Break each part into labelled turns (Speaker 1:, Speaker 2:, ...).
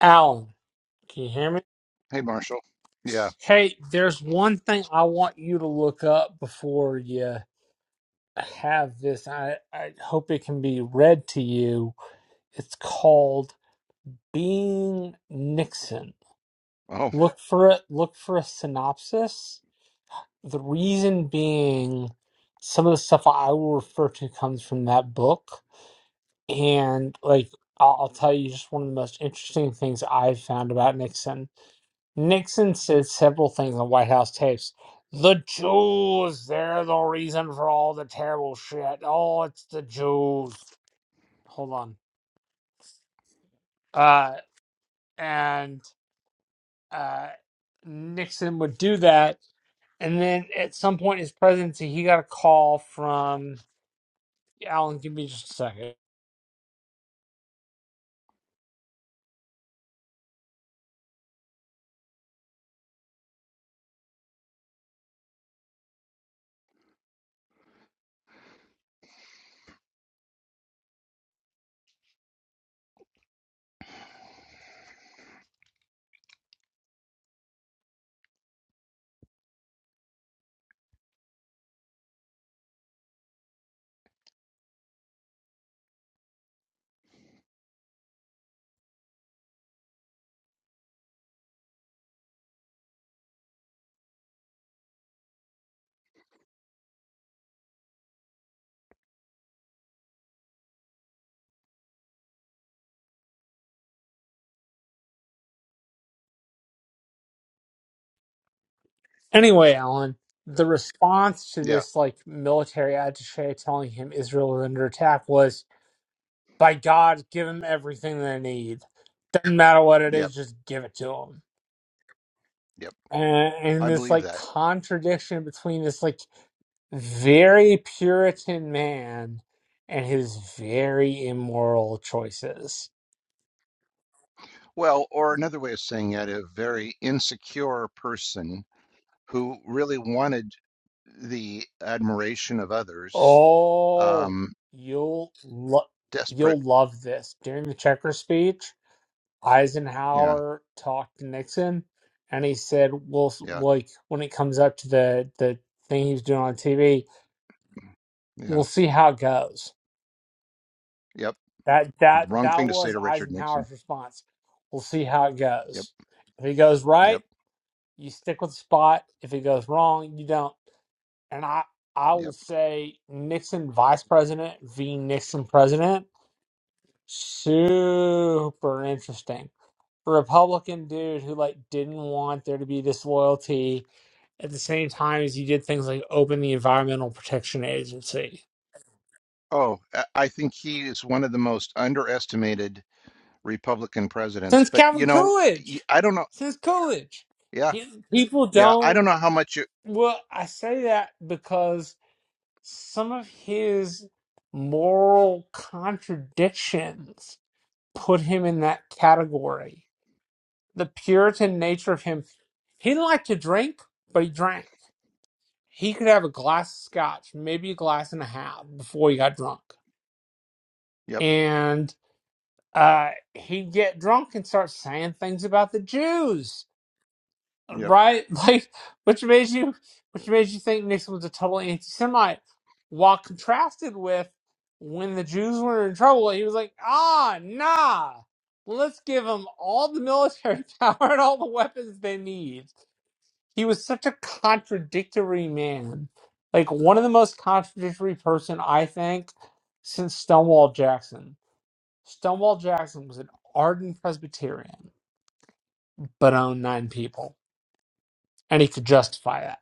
Speaker 1: Alan, can you hear me?
Speaker 2: Hey, Marshall. Yeah.
Speaker 1: Hey, there's one thing I want you to look up before you have this. I, I hope it can be read to you. It's called Being Nixon.
Speaker 2: Oh,
Speaker 1: Look for it. Look for a synopsis. The reason being, some of the stuff I will refer to comes from that book, and like I'll, I'll tell you, just one of the most interesting things I've found about Nixon Nixon said several things on White House tapes. The Jews, they're the reason for all the terrible shit. Oh, it's the Jews. Hold on. Uh, and uh, Nixon would do that. And then at some point in his presidency, he got a call from Alan, give me just a second. Anyway, Alan, the response to
Speaker 2: yeah.
Speaker 1: this like military attache telling him Israel is under attack was. by God, give them everything they need. Doesn't matter what it
Speaker 2: Yep.
Speaker 1: is, just give it to them.
Speaker 2: Yep.
Speaker 1: And, and
Speaker 2: I
Speaker 1: this
Speaker 2: believe
Speaker 1: like
Speaker 2: that.
Speaker 1: contradiction between this like very Puritan man and his very immoral choices.
Speaker 2: Well, or another way of saying it, a very insecure person who really wanted the admiration of others,
Speaker 1: Oh,
Speaker 2: um,
Speaker 1: you'll lo-
Speaker 2: desperate.
Speaker 1: you'll love this. During the Checker speech,
Speaker 2: Yeah.
Speaker 1: Eisenhower talked to Nixon, and he said, we "Well, s-
Speaker 2: Yeah.
Speaker 1: like when it comes up to the the thing he's doing on TV,
Speaker 2: Yeah.
Speaker 1: we'll see how it goes."
Speaker 2: Yep.
Speaker 1: That
Speaker 2: The
Speaker 1: that
Speaker 2: wrong
Speaker 1: that
Speaker 2: thing to say
Speaker 1: was
Speaker 2: to Richard Nixon.
Speaker 1: Eisenhower's response. We'll see how it
Speaker 2: Yep.
Speaker 1: goes. If it goes right,
Speaker 2: Yep.
Speaker 1: you stick with the spot. If it goes wrong, you don't. And I I will
Speaker 2: Yep.
Speaker 1: say Nixon vice president v Nixon president super interesting. A Republican dude who like didn't want there to be disloyalty at the same time as you did things like open the Environmental Protection Agency.
Speaker 2: Oh, I I think he is one of the most underestimated Republican presidents.
Speaker 1: Since
Speaker 2: But, you
Speaker 1: Calvin
Speaker 2: know, y-
Speaker 1: Coolidge.
Speaker 2: I don't know.
Speaker 1: Since Coolidge.
Speaker 2: Yeah.
Speaker 1: He, people
Speaker 2: Yeah. I
Speaker 1: don't
Speaker 2: don't know how much you.
Speaker 1: Well, I say that because some of his moral contradictions put him in that category. The Puritan nature of him, he didn't like to drink, but he drank. He could have a glass of scotch, maybe a glass and a half before he got drunk.
Speaker 2: Yep.
Speaker 1: And uh, he'd get drunk and start saying things about the Jews
Speaker 2: Yep.
Speaker 1: right? Like, which made you, which made you think Nixon was a total anti-Semite, while contrasted with when the Jews were in trouble, he was like, ah, nah, let's give them all the military power and all the weapons they need. He was such a contradictory man, like one of the most contradictory person I think since Stonewall Jackson. Stonewall Jackson was an ardent Presbyterian, but owned nine people, and he could justify that.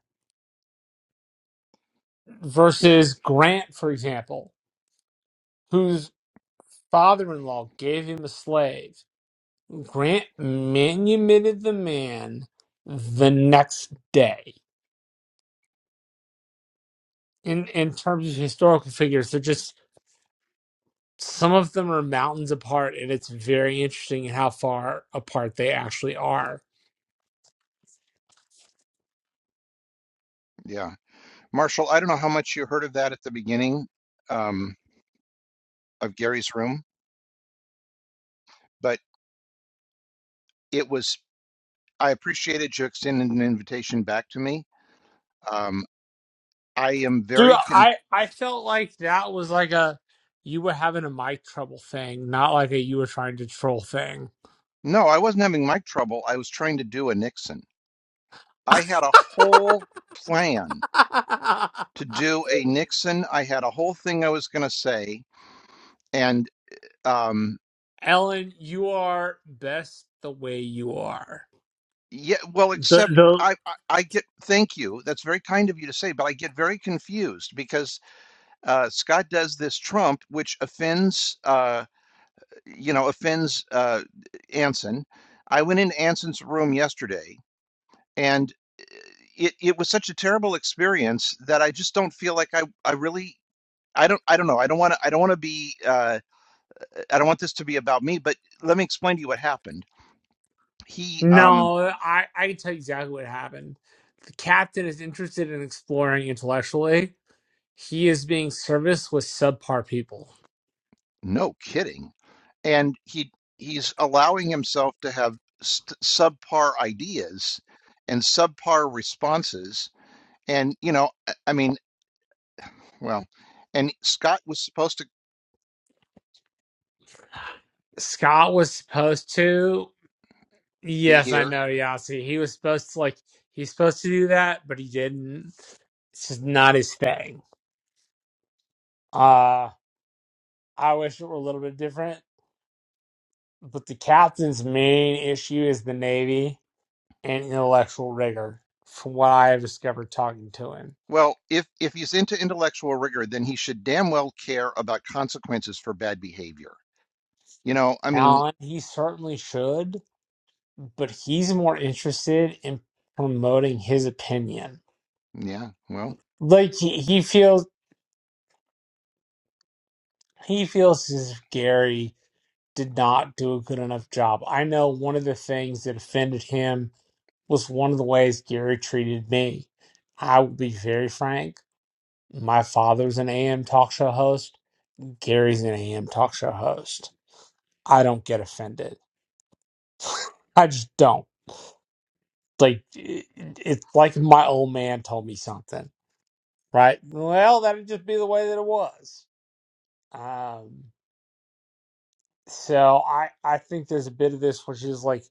Speaker 2: Yeah.
Speaker 1: versus Grant, for example, whose father in law gave him a slave. Grant manumitted the man the next day. In in terms of historical figures, they're just some of them are mountains apart, and it's very interesting how far apart they actually are.
Speaker 2: Yeah. Marshall, I don't know how much you heard of that at the beginning um, of Gary's room, but it was, I appreciated you extending an invitation back to me. Um, I am
Speaker 1: Dude,
Speaker 2: very, con-
Speaker 1: I I felt like that was like a you were having a mic trouble thing, not like a you were trying to troll thing.
Speaker 2: no, I wasn't having mic trouble. I was trying to do a Nixon. I had a whole plan to do a Nixon. I had a whole thing I was going to say. And um,
Speaker 1: Ellen, you are best the way you are.
Speaker 2: yeah, well,
Speaker 1: The
Speaker 2: except
Speaker 1: the
Speaker 2: I, I, I get, thank you. That's very kind of you to say, but I get very confused because uh, Scott does this Trump, which offends, uh, you know, offends uh, Anson. I went into Anson's room yesterday, and it, it was such a terrible experience that I just don't feel like I, I really. I don't. I don't know. I don't want to. I don't want to be. Uh, I don't want this to be about me. But let me explain to you what happened. He. Um.
Speaker 1: no, I I can tell you exactly what happened. The captain is interested in exploring intellectually. He is being serviced with subpar people.
Speaker 2: No kidding. And he. He's allowing himself to have st- subpar ideas and subpar responses And, you know, I I mean, well, and Scott was supposed to
Speaker 1: Scott was supposed to.
Speaker 2: be
Speaker 1: Yes, I
Speaker 2: here.
Speaker 1: know, Yasi. He was supposed to like he's supposed to do that, but he didn't. It's just not his thing. Uh I wish it were a little bit different. But the captain's main issue is the Navy and intellectual rigor from what I have discovered talking to him.
Speaker 2: Well, if if he's into intellectual rigor, then he should damn well care about consequences for bad behavior. You know, I mean,
Speaker 1: Alan, he certainly should, but he's more interested in promoting his opinion.
Speaker 2: yeah, well,
Speaker 1: Like he, he feels he feels as if Gary did not do a good enough job. I know one of the things that offended him was one of the ways Gary treated me. I will be very frank. My father's an AM talk show host. Gary's an AM talk show host. I don't get offended I just don't. Like it, it's like my old man told me something, right? Well, that'd just be the way that it was. Um, so I I think there's a bit of this which is like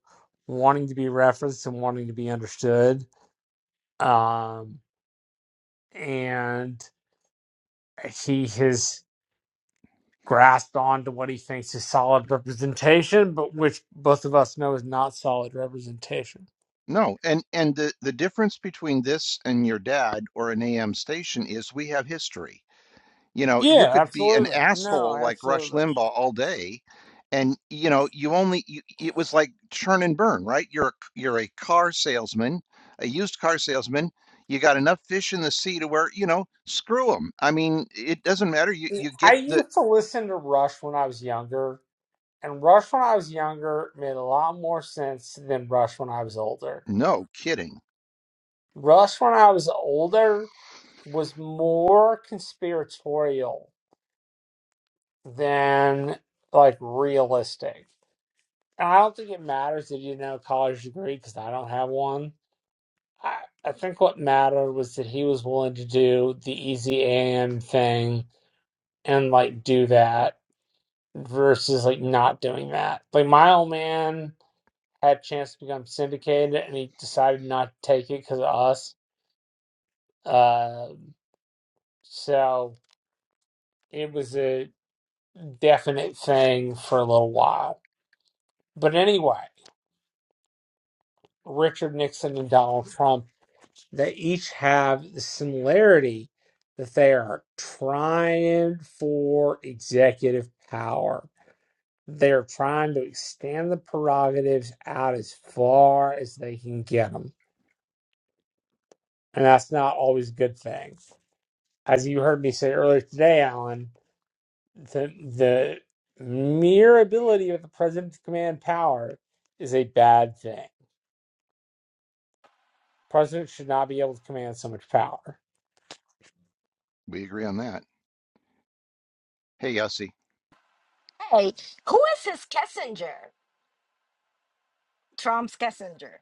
Speaker 1: wanting to be referenced and wanting to be understood. Um, and he has grasped on to what he thinks is solid representation, but which both of us know is not solid representation.
Speaker 2: no. And and the the difference between this and your dad or an AM station is we have history. You know, you
Speaker 1: Yeah,
Speaker 2: could be an
Speaker 1: absolutely. No,
Speaker 2: asshole like Rush
Speaker 1: absolutely.
Speaker 2: Limbaugh all day, and you know, you only you, it was like churn and burn, right? You're a, c- you're a car salesman, a used car salesman. You got enough fish in the sea to where you know, screw them. I mean, it doesn't matter. You you
Speaker 1: I
Speaker 2: get the
Speaker 1: used to listen to Rush when I was younger, and Rush when I was younger made a lot more sense than Rush when I was older.
Speaker 2: no kidding.
Speaker 1: Rush when I was older was more conspiratorial than like realistic. And I don't think it matters that he didn't have a college degree because I don't have one. I, I think what mattered was that he was willing to do the easy AM thing and like do that versus like not doing that. Like my old man had a chance to become syndicated, and he decided not to take it because of us. Um so it was a definite thing for a little while. But anyway, Richard Nixon and Donald Trump, they each have the similarity that they are trying for executive power. They're trying to extend the prerogatives out as far as they can get them. And that's not always a good thing as you heard me say earlier today, Alan, the the mere ability of the president to command power is a bad thing. President should not be able to command so much power.
Speaker 2: We agree on that. Hey, Yossi,
Speaker 3: Hey, who is his Kissinger? Trump's Kissinger.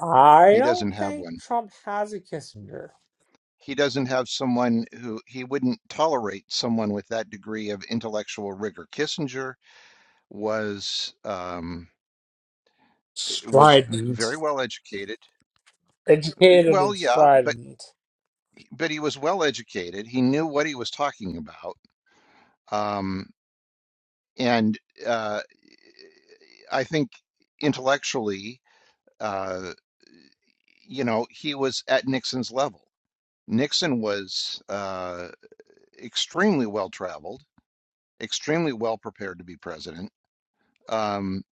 Speaker 1: I
Speaker 2: he
Speaker 1: don't
Speaker 2: doesn't have
Speaker 1: think
Speaker 2: one.
Speaker 1: Trump has a Kissinger.
Speaker 2: He doesn't have someone who he wouldn't tolerate someone with that degree of intellectual rigor. Kissinger was. Um, was
Speaker 1: Strident,
Speaker 2: very well educated. Uh,
Speaker 1: educated
Speaker 2: Well,
Speaker 1: and
Speaker 2: yeah, but
Speaker 1: strident.
Speaker 2: but he was well educated. He knew what he was talking about, um, and uh, I think intellectually, uh, you know, he was at Nixon's level. Nixon was uh, extremely well traveled, extremely well prepared to be president. Um,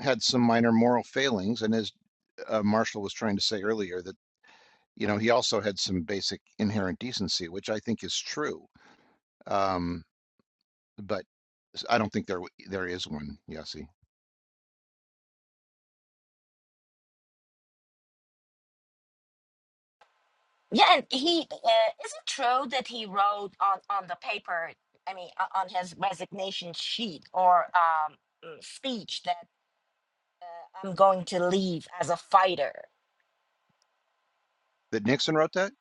Speaker 2: had some minor moral failings, and as uh, Marshall was trying to say earlier, that you know, he also had some basic inherent decency, which I think is true. Um, but I I don't think there there is one, Yossi.
Speaker 3: Yeah, and he uh, is it true that he wrote on on the paper? I mean, o- on his resignation sheet or um, mm, speech that uh, I'm going to leave as a fighter.
Speaker 2: That Nixon wrote that?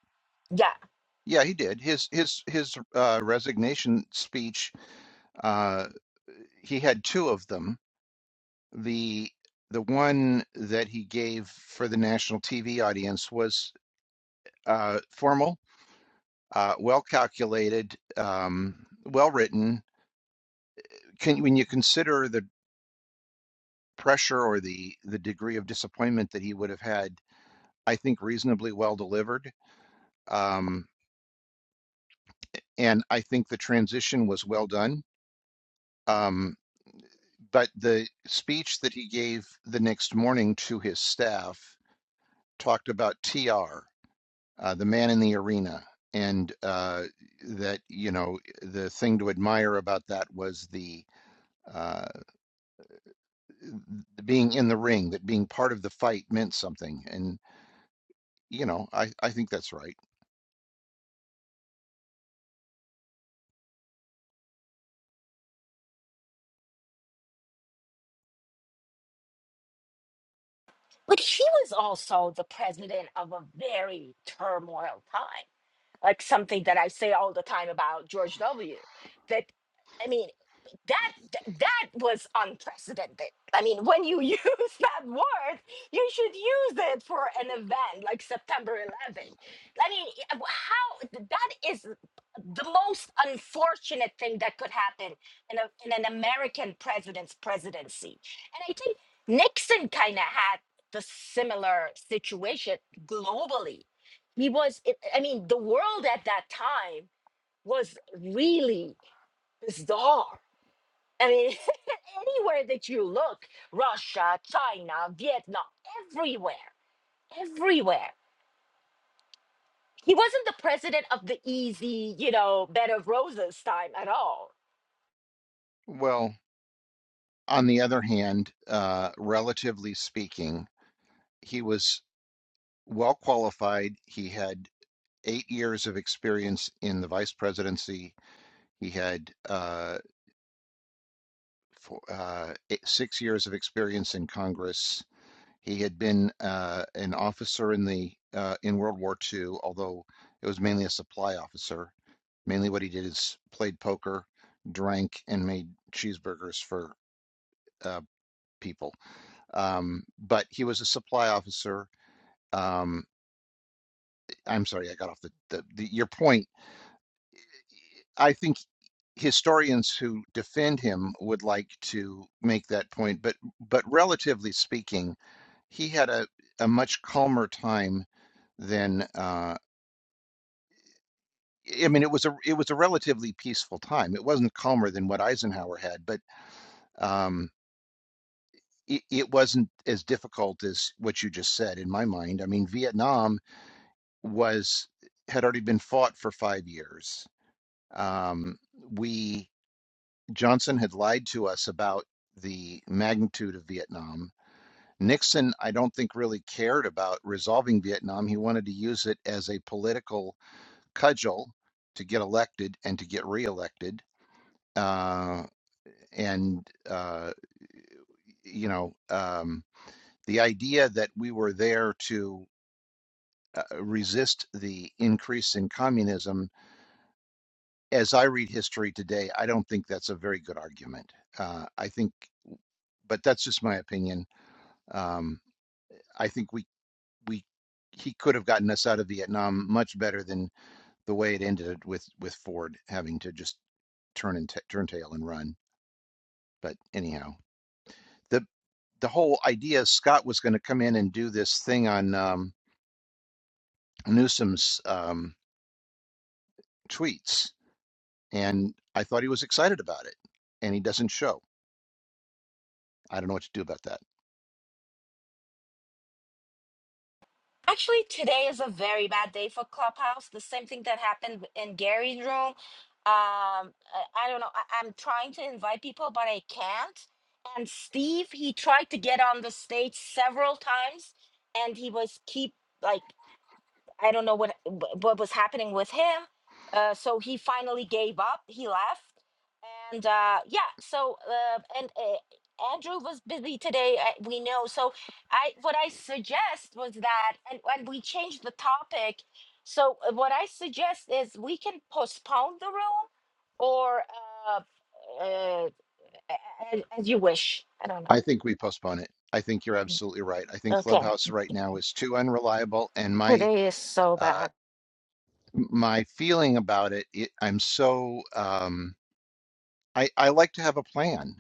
Speaker 3: Yeah,
Speaker 2: Yeah, he did. His his his uh, resignation speech. Uh, he had two of them. The the one that he gave for the national TV audience was uh, formal, uh, well calculated, um, well written. Can when you consider the pressure or the the degree of disappointment that he would have had, I think reasonably well delivered. Um, and I think the transition was well done. Um, but the speech that he gave the next morning to his staff talked about TR, uh, the man in the arena, and uh, that you know the thing to admire about that was the uh, being in the ring, that being part of the fight meant something. And you know, I I think that's right.
Speaker 3: but he was also the president of a very turmoil time. like something that I say all the time about George W. That I mean, that th- that was unprecedented. I mean, when you use that word, you should use it for an event like September 11th. I mean, i- how that is the most unfortunate thing that could happen in, a, in an American president's presidency. And I think Nixon kind of had the similar situation globally he was it, i mean the world at that time was really bizarre i mean anywhere that you look russia china vietnam everywhere everywhere he wasn't the president of the easy you know bed of roses time at all
Speaker 2: Well, on the other hand, uh, relatively speaking, he was well qualified. He had eight years of experience in the vice presidency. He had uh, four, uh, eight, six years of experience in Congress. He had been uh, an officer in the uh, in World War II, although it was mainly a supply officer. Mainly what he did is played poker, drank, and made cheeseburgers for uh, people. Um, but he was a supply officer. Um, I'm sorry, I got off the, the, the your point. I think historians who defend him would like to make that point, but but relatively speaking, he had a, a much calmer time than uh, I mean, it was a it was a relatively peaceful time. It wasn't calmer than what Eisenhower had, but um, it, it wasn't as difficult as what you just said in my mind. I mean, Vietnam was had already been fought for five years. Um, we Johnson had lied to us about the magnitude of Vietnam. Nixon, I don't think, really cared about resolving Vietnam. He wanted to use it as a political cudgel to get elected and to get reelected. Uh, and uh, you know, um, the idea that we were there to uh, resist the increase in communism. As I read history today, I don't think that's a very good argument. Uh, I think, but that's just my opinion. Um, I think we we he could have gotten us out of Vietnam much better than the way it ended with with Ford having to just turn and t- turn tail and run. But anyhow, the the whole idea Scott was going to come in and do this thing on um, Newsom's um, tweets, and I thought he was excited about it, and he doesn't show. I don't know what to do about that.
Speaker 3: Actually, today is a very bad day for Clubhouse. The same thing that happened in Gary's room. Um, I, I don't know. I, I'm trying to invite people, but I can't. And Steve, he tried to get on the stage several times, and he was keep like I don't know what wh- what was happening with him. Uh, so he finally gave up. He left, and uh, yeah. So uh, and uh, Andrew was busy today. uh, We know. So I what I suggest was that, and and we changed the topic. So uh, what I suggest is we can postpone the room, or uh, uh, as, as you wish. I don't know.
Speaker 2: I think we postpone it. I think you're absolutely right. I think
Speaker 3: Okay.
Speaker 2: Clubhouse right now is too unreliable, and my
Speaker 3: Today is so
Speaker 2: uh,
Speaker 3: bad.
Speaker 2: my feeling about it, it I'm so um, I I like to have a plan,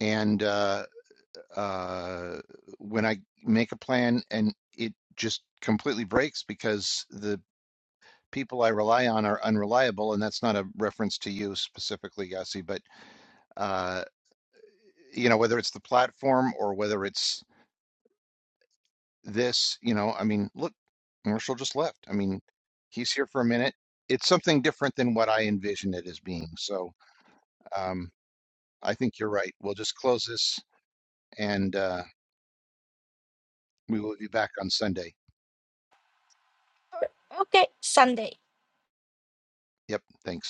Speaker 2: and uh, uh, when I make a plan and it just completely breaks because the people I rely on are unreliable, and that's not a reference to you specifically, Yossi, but uh, you know whether it's the platform or whether it's this, you know, I mean, look, Marshall just left. I mean, he's here for a minute. It's something different than what I envision it as being. So um, I think you're right. We'll just close this and uh, we will be back on Sunday.
Speaker 3: Okay, Sunday.
Speaker 2: Yep. Thanks.